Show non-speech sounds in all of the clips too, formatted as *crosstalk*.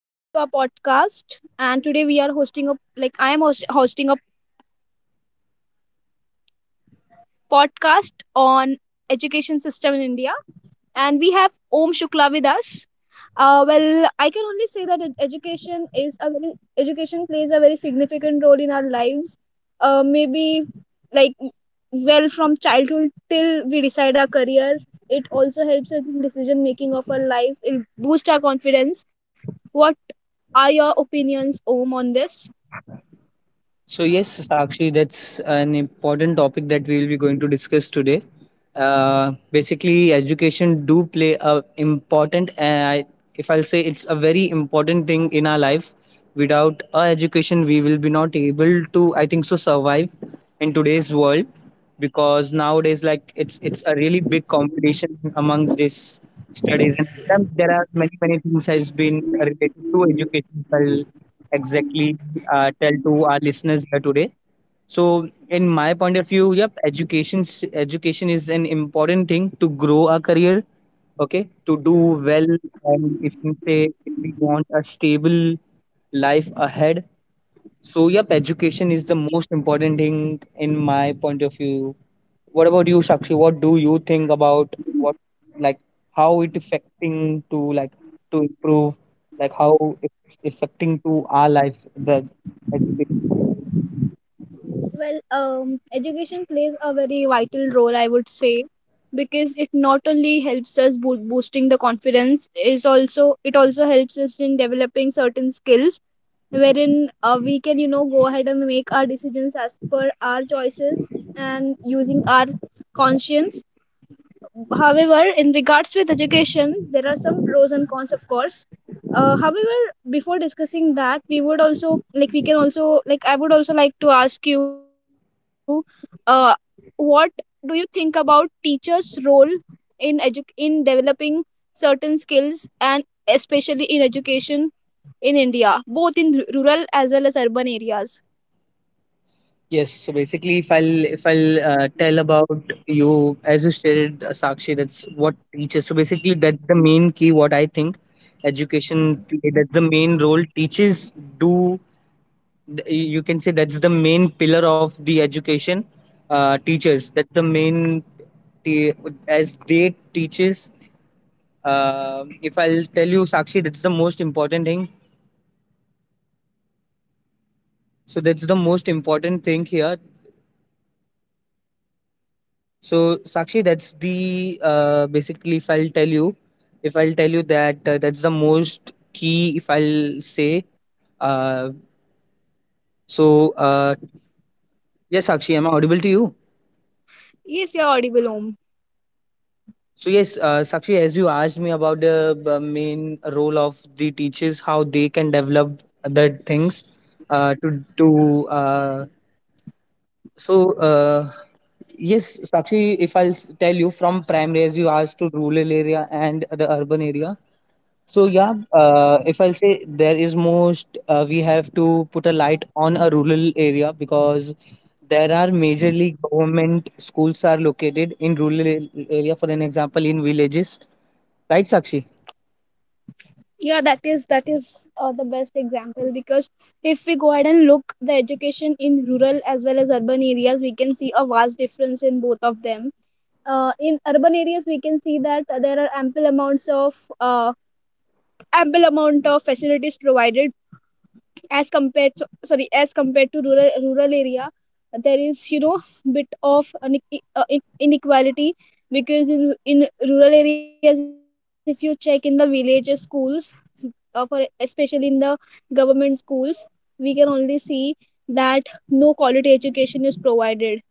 welcome to our podcast. And today we are hosting a like I am host, hosting a podcast on education system in India, and we have Om Shukla with us. Well, I can only say that education is a very Education plays a very significant role in our lives. Maybe like well from childhood till we decide our career. It also helps us in decision making of our life. It boosts our confidence. What are your opinions, Om, on this? So yes, Sakshi, that's an important topic that we will be going to discuss today. Basically, education do play a important, and if I'll say it's a very important thing in our life. Without a education, we will be not able to, I think so, survive in today's world because nowadays, like it's a really big competition amongst these studies, and sometimes there are many things has been related to education exactly tell to our listeners here today. So, in my point of view, yep, education is an important thing to grow our career. Okay, to do well, and if you say if we want a stable life ahead, so yep, education is the most important thing in my point of view. What about you, Shakshi? What do you think about what like how it affecting to like to improve, like how it's affecting to our life the education? Well, education plays a very vital role, I would say, because it not only helps us boosting the confidence, is also it also helps us in developing certain skills wherein we can, you know, go ahead and make our decisions as per our choices and using our conscience. However, in regards with education, there are some pros and cons, of course. However, before discussing that, we would also like we can also like I would also like to ask you, uh, what do you think about teachers' role in in developing certain skills and especially in education in India, both in rural as well as urban areas? Yes, so basically, if I'll tell about you as you stated, Sakshi, that's what teaches. So basically, that's the main key. What I think, that's the main role teachers do th- you can say that's the main pillar of the education teachers that's the main t- as they teaches if I'll tell you sakshi that's the most important thing so that's the most important thing here so sakshi that's the basically if I'll tell you if I'll tell you that that's the most key if I'll say uh, so uh, yes sakshi am I audible to you. Yes, you're audible, Om. So yes, Sakshi, as you asked me about the main role of the teachers, how they can develop other things, uh, to to so yes, Sakshi, if I'll tell you from primary as you asked to rural area and the urban area. So yeah, if I'll say there is most, we have to put a light on a rural area because there are majorly government schools are located in rural area. For an example, in villages, right Sakshi? Yeah, that is the best example because if we go ahead and look the education in rural as well as urban areas, we can see a vast difference in both of them. In urban areas we can see that there are ample amounts of uh, ample amount of facilities provided as compared to, sorry, as compared to rural area. There is, you know, bit of an, inequality, because in rural areas, if you check in the villages schools, for especially in the government schools, we can only see that no quality education is provided.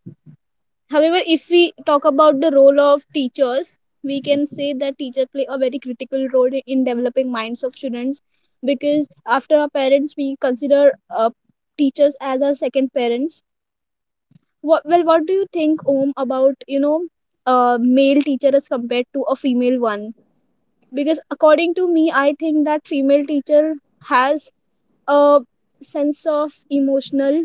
However, if we talk about the role of teachers, we can say that teachers play a very critical role in developing minds of students, because after our parents, we consider uh, teachers as our second parents. Well, what do you think, Om, about, you know, male teacher as compared to a female one? Because according to me, I think that female teacher has a sense of emotional,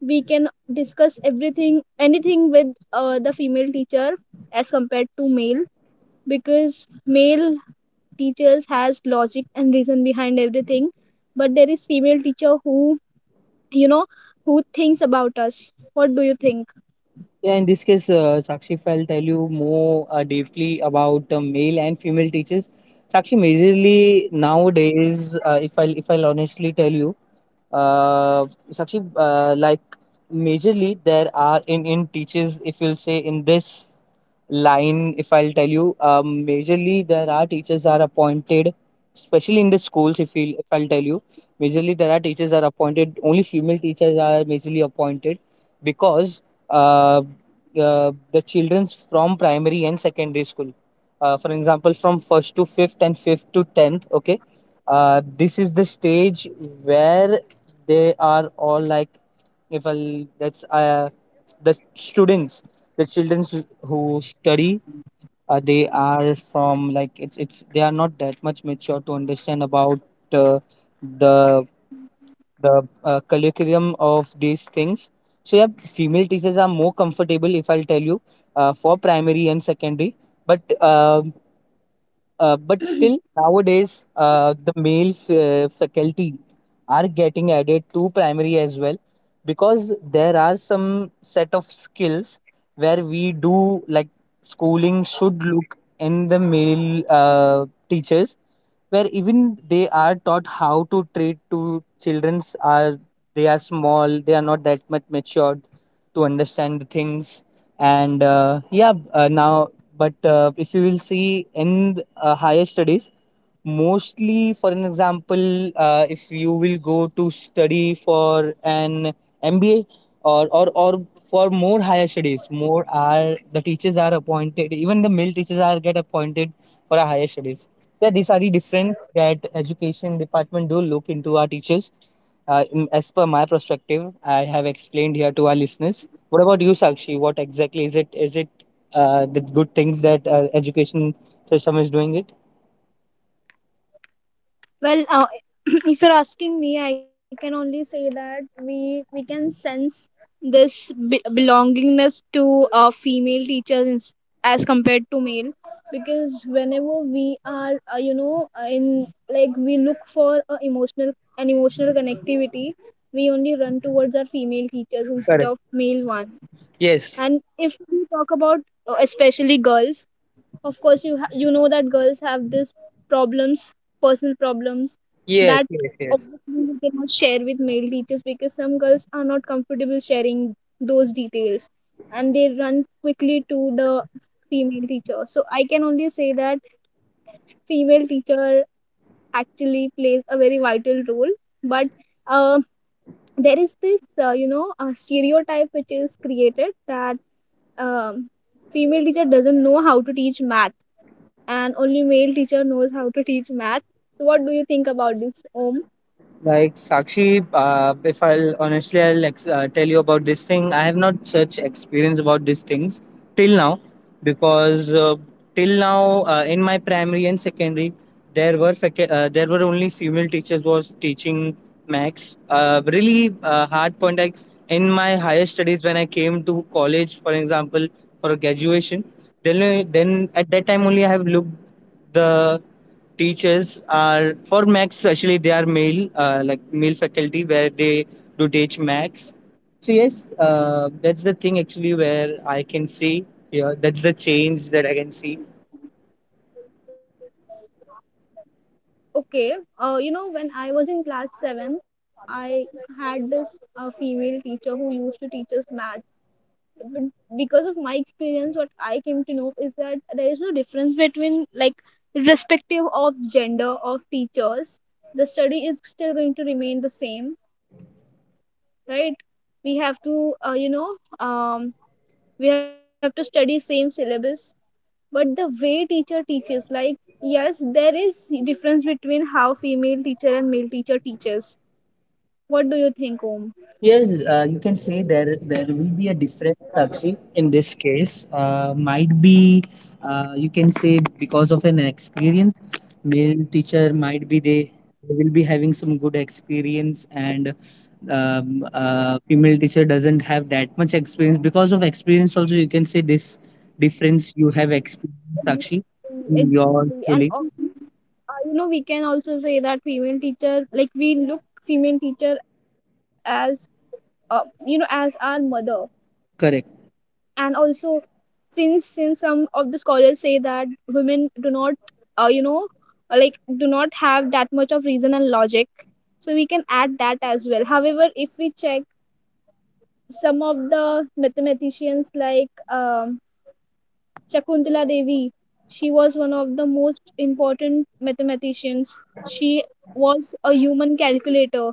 we can discuss everything, anything, with the female teacher as compared to male, because male teachers has logic and reason behind everything, but there is female teacher who, you know, who thinks about us. What do you think? Yeah, in this case, Sakshi, if I'll tell you more deeply about male and female teachers, Sakshi, majorly nowadays, if I'll honestly tell you, uh, Sakshi, like majorly there are in teachers, if you'll say in this line, if I'll tell you, majorly there are teachers are appointed, especially in the schools. If I'll tell you, majorly there are teachers are appointed. Only female teachers are majorly appointed because. Uh, the children from primary and secondary school. For example, from first to fifth and fifth to tenth. Okay, this is the stage where they are all like, if I that's the students, the children who study, they are from like it's they are not that much mature to understand about uh, the curriculum of these things. So yeah, female teachers are more comfortable if I'll tell you for primary and secondary. But uh, but still, nowadays, the male faculty are getting added to primary as well because there are some set of skills where we do like schooling should look in the male teachers where even they are taught how to treat to children's are they are small they are not that much matured to understand the things and now but if you will see in higher studies. Mostly, for an example, if you will go to study for an MBA or for more higher studies, more are the teachers are appointed, even the male teachers are get appointed for our higher studies. So these are the difference that education department do look into our teachers. As per my perspective, I have explained here to our listeners. What about you, Sakshi? What exactly is it? Is it the good things that education system is doing it? Well, *clears throat* if you're asking me, I can only say that we can sense this belongingness to female teachers as compared to male, because whenever we are, you know, in, like, we look for a emotional, an emotional connectivity, we only run towards our female teachers instead Correct. of male one. Yes. And if we talk about especially girls, of course you you know that girls have this problems, personal problems, Yes, that yes, yes. obviously they cannot share with male teachers because some girls are not comfortable sharing those details, and they run quickly to the female teacher. So I can only say that female teacher actually plays a very vital role. But uh, there is this, you know, stereotype which is created that, um, female teacher doesn't know how to teach math and only male teacher knows how to teach math. So what do you think about this, Om? Like Sakshi, if I'll honestly, I'll tell you about this thing. I have not such experience about these things till now, because till now in my primary and secondary, there were only female teachers was teaching max. Really hard point. Like in my higher studies, when I came to college, for example, for graduation, then at that time only I have looked the teachers are for max especially they are male like male faculty where they do teach max so yes that's the thing actually where I can see yeah that's the change that I can see. Okay, you know, when I was in class seven, I had this female teacher who used to teach us math. But because of my experience, what I came to know is that there is no difference between, like, irrespective of gender of teachers, the study is still going to remain the same, right? We have to, um, we have to study same syllabus, but the way teacher teaches, like, yes there is difference between how female teacher and male teacher teaches. What do you think, Om? Yes, you can say there will be a difference actually in this case might be you can say because of an experience male teacher might be they will be having some good experience and female teacher doesn't have that much experience. Because of experience, also you can say this difference you have experienced, Sakshi, in your Exactly. And schooling. also, you know, we can also say that female teacher, like, we look female teacher as, you know, as our mother. Correct. And also, since some of the scholars say that women do not, uh, you know uh, like do not have that much of reason and logic, so we can add that as well. However, if we check some of the mathematicians, like, Shakuntala Devi, she was one of the most important mathematicians. She was a human calculator.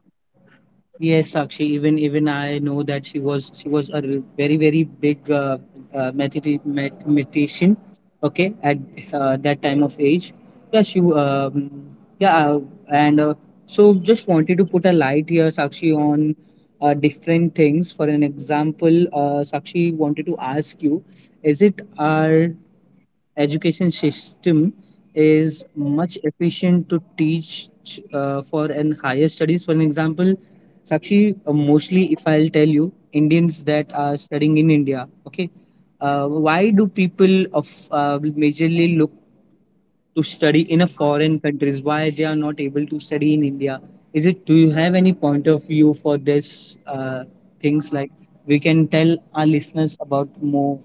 Yes, Sakshi. Even I know that she was a very very big mathematician. Okay, at that time of age, yeah, she w- yeah, and so just wanted to put a light here, Sakshi, on different things. For an example, Sakshi wanted to ask you, is it our education system is much efficient to teach for an higher studies for an example sakshi mostly if I'll tell you indians that are studying in india okay why do people of majorly look to study in a foreign countries why they are not able to study in india is it do you have any point of view for this uh, things like we can tell our listeners about more.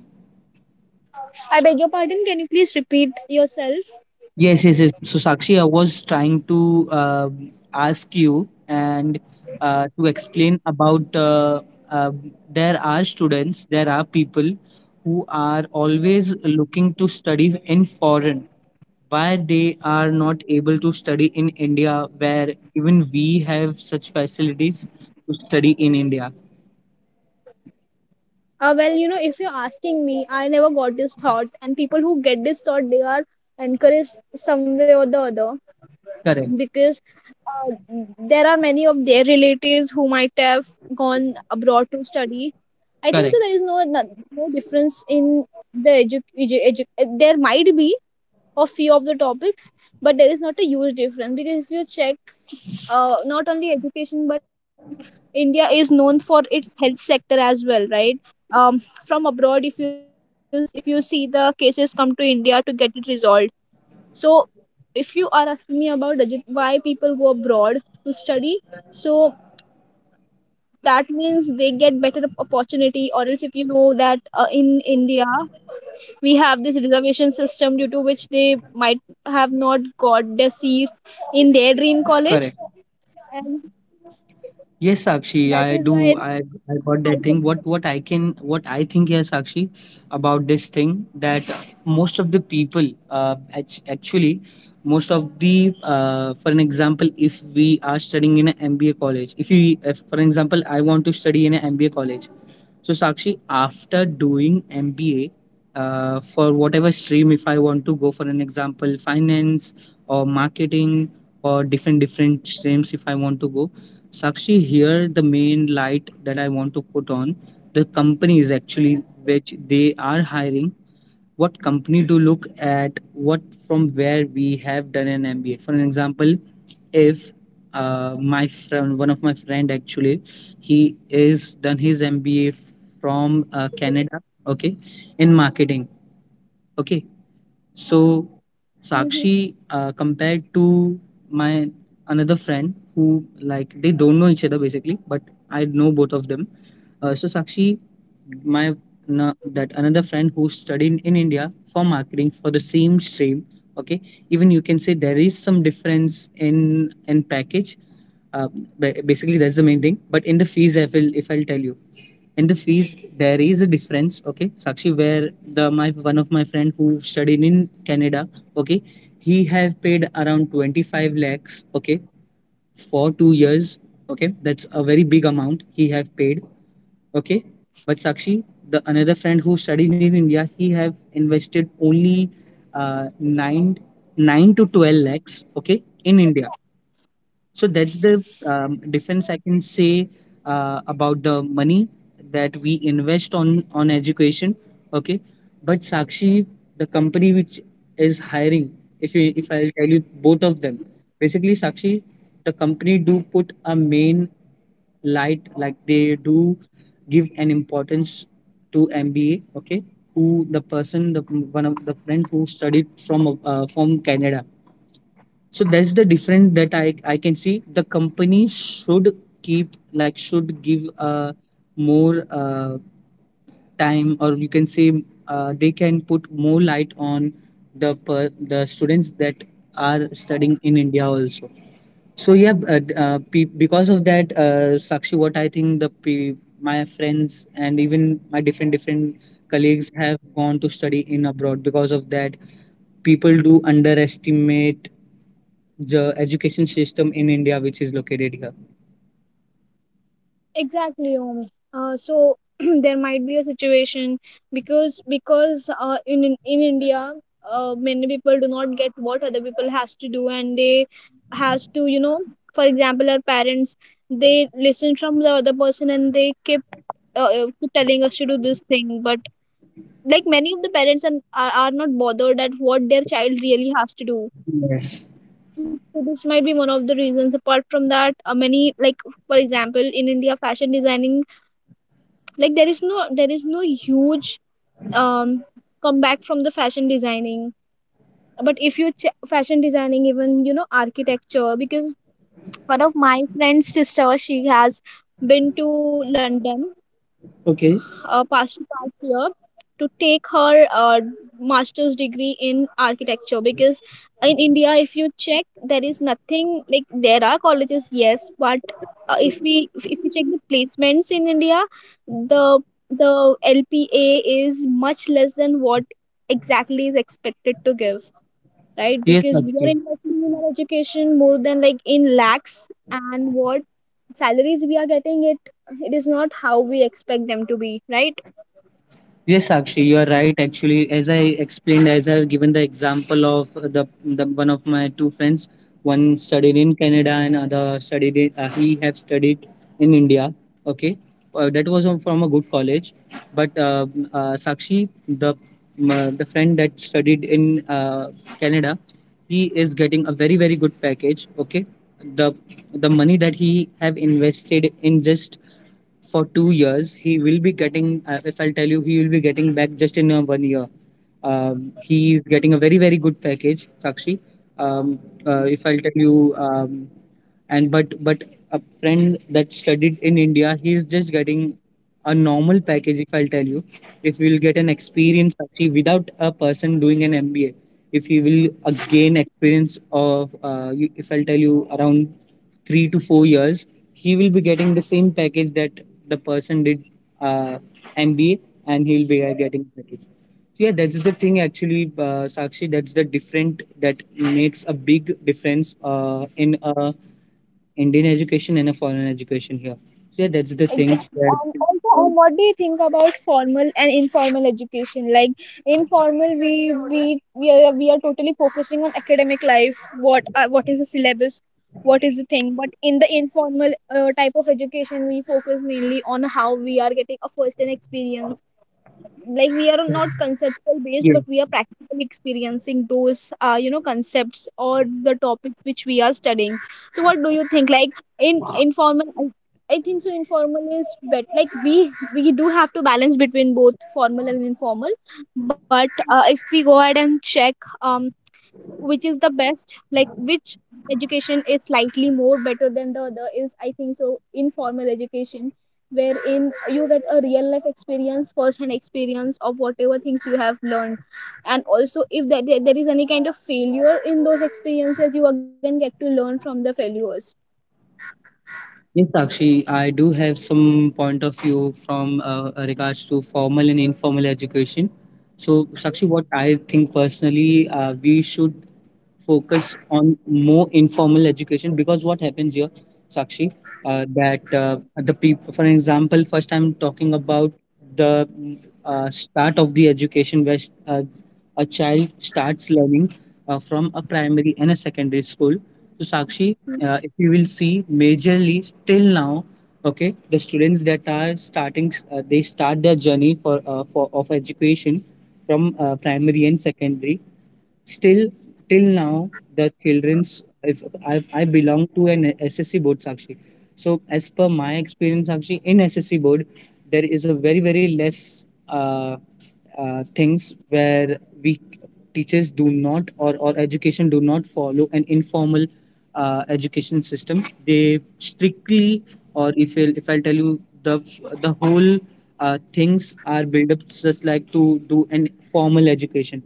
I beg your pardon, can you please repeat yourself? Yes, yes, yes. So, Sakshi, I was trying to ask you and to explain about uh, there are students, there are people who are always looking to study in foreign. Why they are not able to study in India, where even we have such facilities to study in India? Well, you know, if you're asking me, I never got this thought, and people who get this thought, they are encouraged some way or the other, Correct, because uh, there are many of their relatives who might have gone abroad to study, I think so. correct, There is no difference in the there might be a few of the topics, but there is not a huge difference because if you check, not only education, but India is known for its health sector as well, right? Um, from abroad, if you if you see, the cases come to India to get it resolved. So if you are asking me about why people go abroad to study, so that means they get better opportunity, or else, if you know that, in india we have this reservation system due to which they might have not got the seats in their dream college, correct. and Yes, Sakshi, that I is do. why I got they that thing. might. What I can what I think here, Sakshi, about this thing that most of the people, actually, most of the, for an example, if we are studying in an MBA college, if we, if, for example, I want to study in an MBA college, so Sakshi, after doing MBA, for whatever stream, if I want to go for an example, finance or marketing or different streams, if I want to go, Sakshi, here the main light that I want to put on the companies actually which they are hiring. What company to look at? What from where we have done an MBA? For an example, if my friend one of my friend actually he is done his mba from canada okay in marketing okay so Hmm. Sakshi, compared to my another friend who like they don't know each other basically, but I know both of them. So Sakshi, my na that another friend who studied in India for marketing for the same stream. Okay, even you can say there is some difference in package. Uh, Basically, that's the main thing. But in the fees, I will if I'll tell you in the fees there is a difference okay sakshi where the my one of my friend who studied in canada okay he have paid around 25 lakhs okay for 2 years okay that's a very big amount he have paid okay but sakshi the another friend who studied in india he have invested only uh, 9 9 to 12 lakhs okay in india so that's the difference I can say about the money that we invest on education. Okay, but Sakshi, the company which is hiring, if I'll tell you both of them, basically Sakshi, the company do put a main light like they do give an importance to MBA. Okay, who the person the one of the friend who studied from from Canada so that's the difference that i can see the company should keep like should give more time or you can say they can put more light on the students that are studying in india also so yeah because of that sakshi what I think my friends and even my different colleagues have gone to study in abroad because of that people do underestimate the education system in India, which is located here. Exactly, Om. So *clears throat* there might be a situation, because, because in India, many people do not get what other people has to do, and they has to, you know, for example, our parents, they listen from the other person and they keep, keep telling us to do this thing, but, like, many of the parents and are not bothered at what their child really has to do. Yes. So this might be one of the reasons. Apart from that, many, like, for example, in india, fashion designing, like, there is no huge, um comeback from the fashion designing, but if you fashion designing, even, you know, architecture, because one of my friend's sister, she has been to london Okay. past year to take her master's degree in architecture, because in India, if you check, there is nothing like, there are colleges, yes, but if we check the placements in India, the the LPA is much less than what exactly is expected to give, right? Yes, Because we are Sakshi. investing in our education more than, like, in lakhs, and what salaries we are getting it, it is not how we expect them to be, right? Yes, Sakshi, you are right. Actually, as I explained, as I have given the example of the one of my two friends, one studied in Canada and other studied in, he have studied in India. Okay, that was from a good college, but Sakshi, the friend that studied in Canada, he is getting a very very good package. Okay, the the money that he have invested in just for 2 years. He will be getting, if I'll tell you, he will be getting back just in 1 year. He is getting a very, very good package, Sakshi. Um, if I'll tell you, and but a friend that studied in india he's just getting a normal package. If I'll tell you, if we'll get an experience actually without a person doing an mba, if he will gain experience of if I'll tell you around 3 to 4 years, he will be getting the same package that the person did uh, mba and he'll be getting package. So yeah, that's the thing actually, sakshi. That's the different that makes a big difference in a Indian education and a foreign education here. So yeah, that's the things Exactly. that And also, what do you think about formal and informal education? Like informal, we are totally focusing on academic life. What, what is the syllabus? What is the thing? But in the informal, type of education, we focus mainly on how we are getting a first-hand experience, like, we are not conceptual based, yeah. but we are practically experiencing those, you know, concepts, or the topics which we are studying. So what do you think, like, in informal, I think so informal is better, like, we do have to balance between both formal and informal, but if we go ahead and check, which is the best, like, which education is slightly more better than the other, is, I think so, informal education, wherein you get a real life experience, first hand experience, of whatever things you have learned. And also, if there, is any kind of failure in those experiences, you again get to learn from the failures. Yes, Sakshi, I do have some point of view from regards to formal and informal education. So, Sakshi, what I think personally, we should focus on more informal education because what happens here, Sakshi, that the people, for example, first I'm talking about the start of the education where a child starts learning from a primary and a secondary school. So, Sakshi, if you will see majorly still now, okay, the students that are starting they start their journey for of education from primary and secondary. Still, till now, the children's, if I belong to an SSC board, Sakshi. So, as per my experience, Sakshi, in SSC board, there is a very, very less things where we teachers do not or education do not follow an informal education system. They strictly, or if I'll tell you, the whole things are built up just like to do an formal education.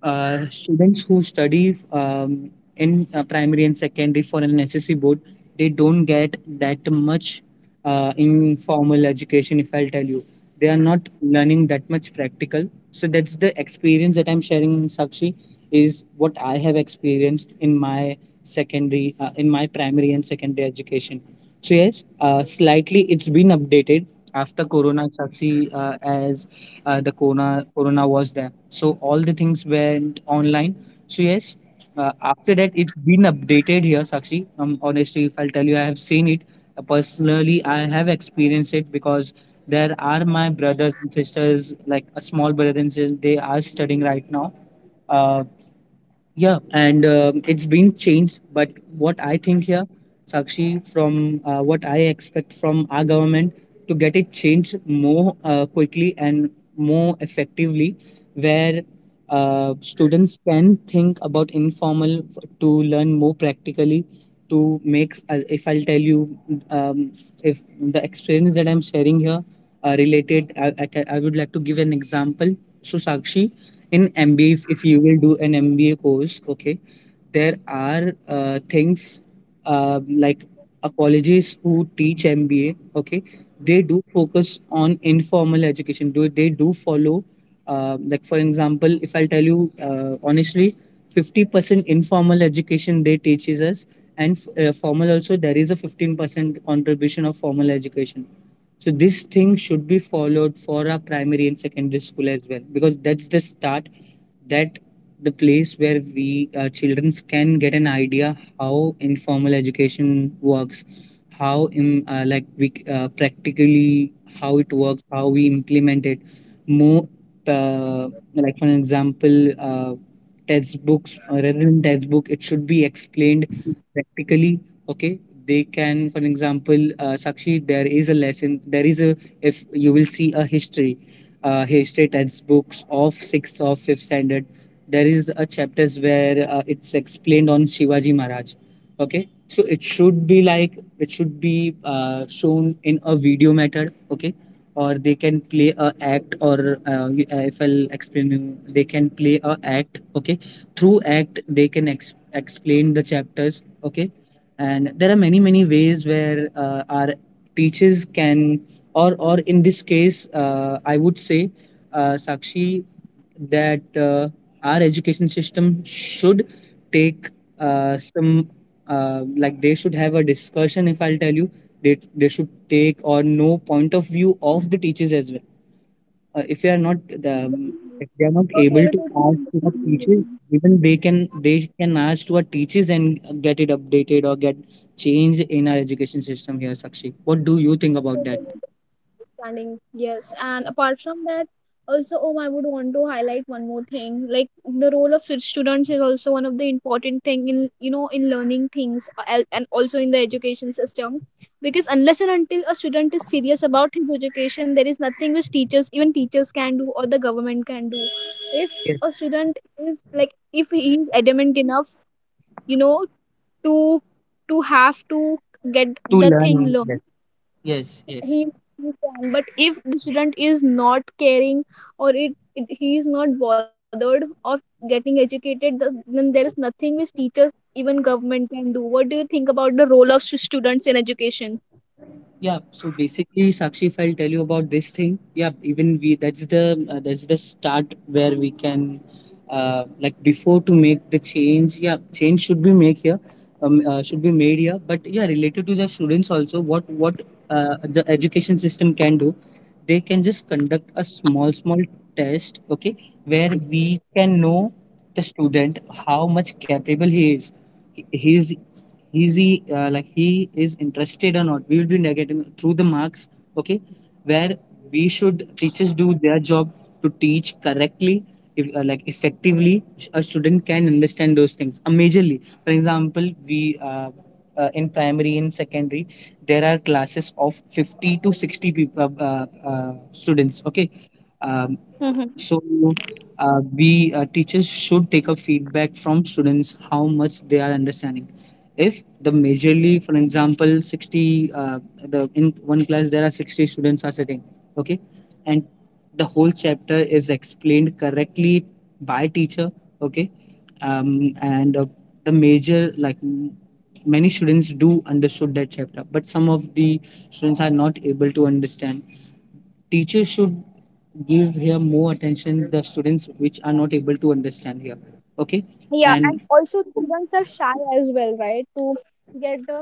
Students who study in primary and secondary for an SSC board, they don't get that much informal education, if I'll tell you. They are not learning that much practical. So that's the experience that I'm sharing, Sakshi, is what I have experienced in my secondary, in my primary and secondary education. So yes, slightly it's been updated after Corona, Sakshi, as the corona was there, so all the things went online. So yes, after that it's been updated here, sakshi. Honestly, if I'll tell you, I have seen it. Personally I have experienced it because there are my brothers and sisters, like a small brother and sister, they are studying right now. uh, yeah, and it's been changed. But what I think here, Sakshi, from what I expect from our government to get it changed more quickly and more effectively, where students can think about informal to learn more practically. To make, if I'll tell you, um, if the experience that I'm sharing here related, I would like to give an example. So, Sakshi, in MBA, if you will do an MBA course, okay, there are things uh, like colleges who teach MBA, okay, they do focus on informal education. Do they do follow, like for example, if I'll tell you honestly, 50% informal education they teaches us, and formal also there is a 15% contribution of formal education. So this thing should be followed for our primary and secondary school as well because that's the start that the place where we children can get an idea how informal education works, how im like we practically how it works, how we implement it more. uh, like for an example, uh, textbooks, rather than textbook it should be explained practically. Okay, they can, for an example, sakshi, there is a lesson, there is a, if you will see a history, history textbooks of sixth or fifth standard, there is a chapters where it's explained on Shivaji Maharaj. Okay, so it should be like it should be shown in a video method. Okay, or they can play a act, or if I'll explain you, they can play a act. Okay, through act they can explain the chapters. Okay, and there are many many ways where our teachers can, or in this case I would say sakshi that our education system should take some like they should have a discussion. If I'll tell you, they should take or know point of view of the teachers as well. If they are not Mm-hmm. if they are not So able failure to to ask to the teachers, understanding. even they can ask to our teachers and get it updated or get change in our education system here, sakshi. What do you think about that? Understanding, yes. And apart from that, also, oh, I would want to highlight one more thing. Like, the role of fit students is also one of the important thing in, you know, in learning things, and also in the education system, because unless and until a student is serious about his education, there is nothing which teachers, even teachers, can do, or the government can do. If a student is, like, if he is adamant enough, you know, to have to get To the thing learn, yes. learned, Yes, yes. he he can. But if the student is not caring, or it he is not bothered of getting educated, then there is nothing which teachers, even government, can do. What do you think about the role of students in education? Yeah, so basically Sakshi, if I'll tell you about this thing, yeah, even we, that's the start where we can like before to make the change, yeah, change should be make here, should be made here. But yeah, related to the students also, what the education system can do, they can just conduct a small test, okay, where we can know the student how much capable he is. His, is he like he is interested or not, we will be negating through the marks, okay, where we should teachers do their job to teach correctly. If, like effectively a student can understand those things, majorly for example we in primary in secondary there are classes of 50 to 60 people students, okay. um, Mhm. so, we teachers should take a feedback from students how much they are understanding. If the majorly, for example, sixty the in one class there are 60 students are sitting, okay, and the whole chapter is explained correctly by teacher, okay, and the many students do understood that chapter, but some of the students are not able to understand. Teachers should give here more attention the students which are not able to understand here, okay, Yeah, and and also students are shy as well, right, to get the,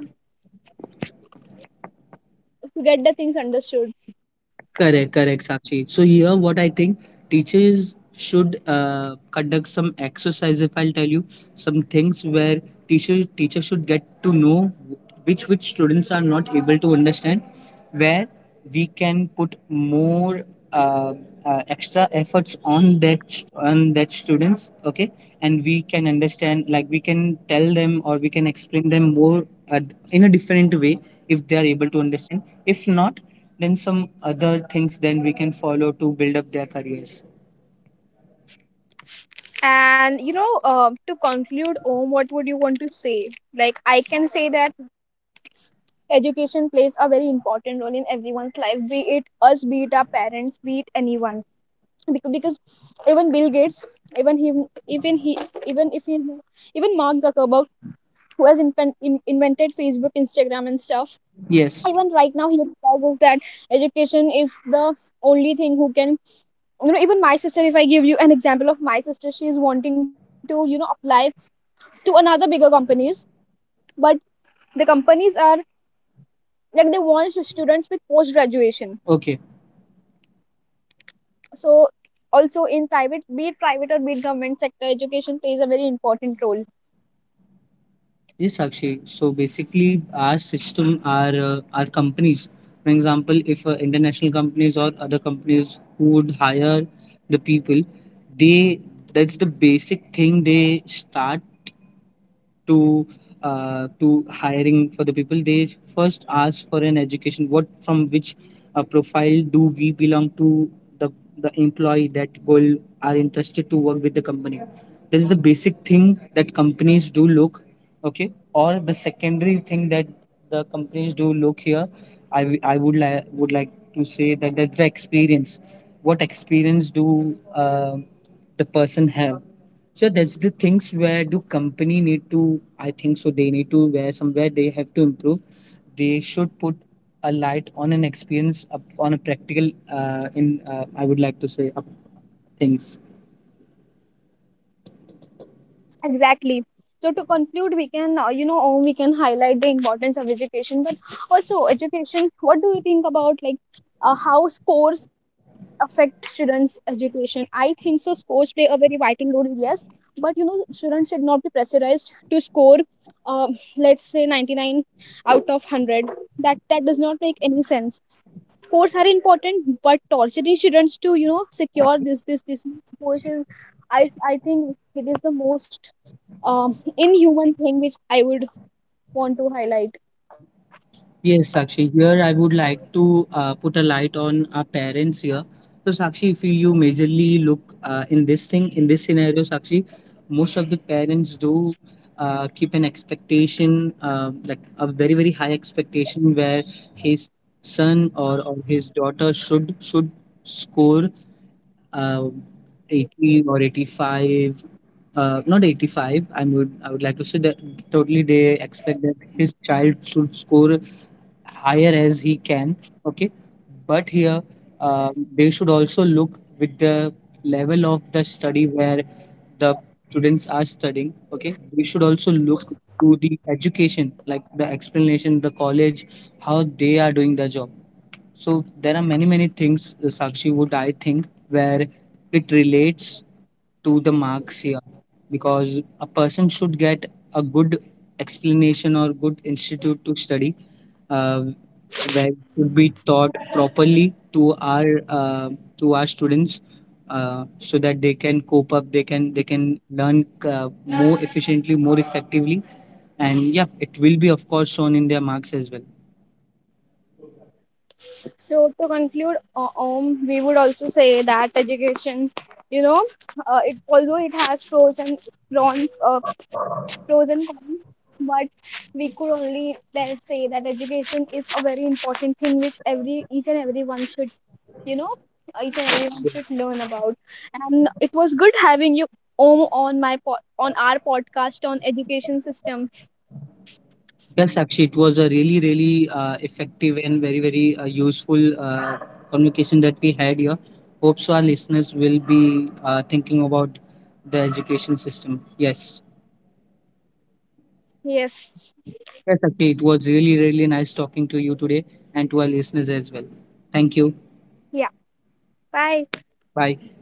to get the things understood. Correct, correct, Sakshi. So here, what I think teachers should conduct some exercise. If I'll tell you some things where teachers should get to know which students are not able to understand, where we can put more uh, extra efforts on that on that students. Okay, and we can understand, like we can tell them or we can explain them more uh, in a different way if they are able to understand. If not, then some other things then we can follow to build up their careers. And you know, to conclude, Om, what would you want to say? Like, I can say that education plays a very important role in everyone's life, be it us, be it our parents, be it anyone, because even Bill Gates, even he even he even if he even Mark Zuckerberg, who has invented Facebook, Instagram and stuff, Yes, even right now he realizes that education is the only thing who can, you know, even my sister, if I give you an example of my sister, she is wanting to, you know, apply to another bigger companies, but the companies are, like, they want students with post graduation. okay, So also in private, be it private or be it government sector, education plays a very important role. yes Sakshi, so basically our system, our companies, for example, if international companies or other companies who would hire the people, they, that's the basic thing, they start to to hiring for the people. They first ask for an education, what from which profile do we belong to, the the employee that goal are interested to work with the company. This is the basic thing that companies do look. Okay, or the secondary thing that the companies do look here, I would like to say that that's the experience, what experience do the person have. So that's the things where do company need to, I think so they need to, where somewhere they have to improve. They should put a light on an experience up on a practical in I would like to say up things. Exactly. So to conclude, we can, you know, we can highlight the importance of education, but also education. What do you think about, like, how scores affect students' education? I think so, scores play a very vital role. Yes, but you know, students should not be pressurized to score. Let's say 99 out of 100, that that does not make any sense. Scores are important, but torturing students to, you know, secure this scores is, i I think it is the most, um, inhuman thing which I would want to highlight. Yes, Sakshi, here I would like to put a light on our parents here. So, Sakshi, if you, you majorly look in this thing, in this scenario, Sakshi, most of the parents do keep an expectation, like a very, very high expectation, where his son, or his daughter should score uh, 80 or 85, not 85. I would like to say that totally they expect that his child should score higher as he can, okay, but here, uh, they should also look with the level of the study where the students are studying, okay, they should also look to the education, like the explanation, the college, how they are doing the job. So there are many many things, Sakshi, would I think, where it relates to the marks here, because a person should get a good explanation or good institute to study, uh, where it should be taught properly to our students, so that they can cope up, they can, they can learn more efficiently, more effectively, and yeah, it will be of course shown in their marks as well. So to conclude, uh, um we would also say that education, you know, it although it has cons uh, pros and cons, but we could only then say that education is a very important thing which every each and everyone should, you know, each and everyone should learn about. And it was good having you on my po- on our podcast on education system. Yes, actually, it was a really, really effective and very, very useful conversation that we had here. Hope so our listeners will be thinking about the education system. Yes. Yes. Yes, actually, it was really, really nice talking to you today and to our listeners as well. Thank you. Yeah. Bye. Bye.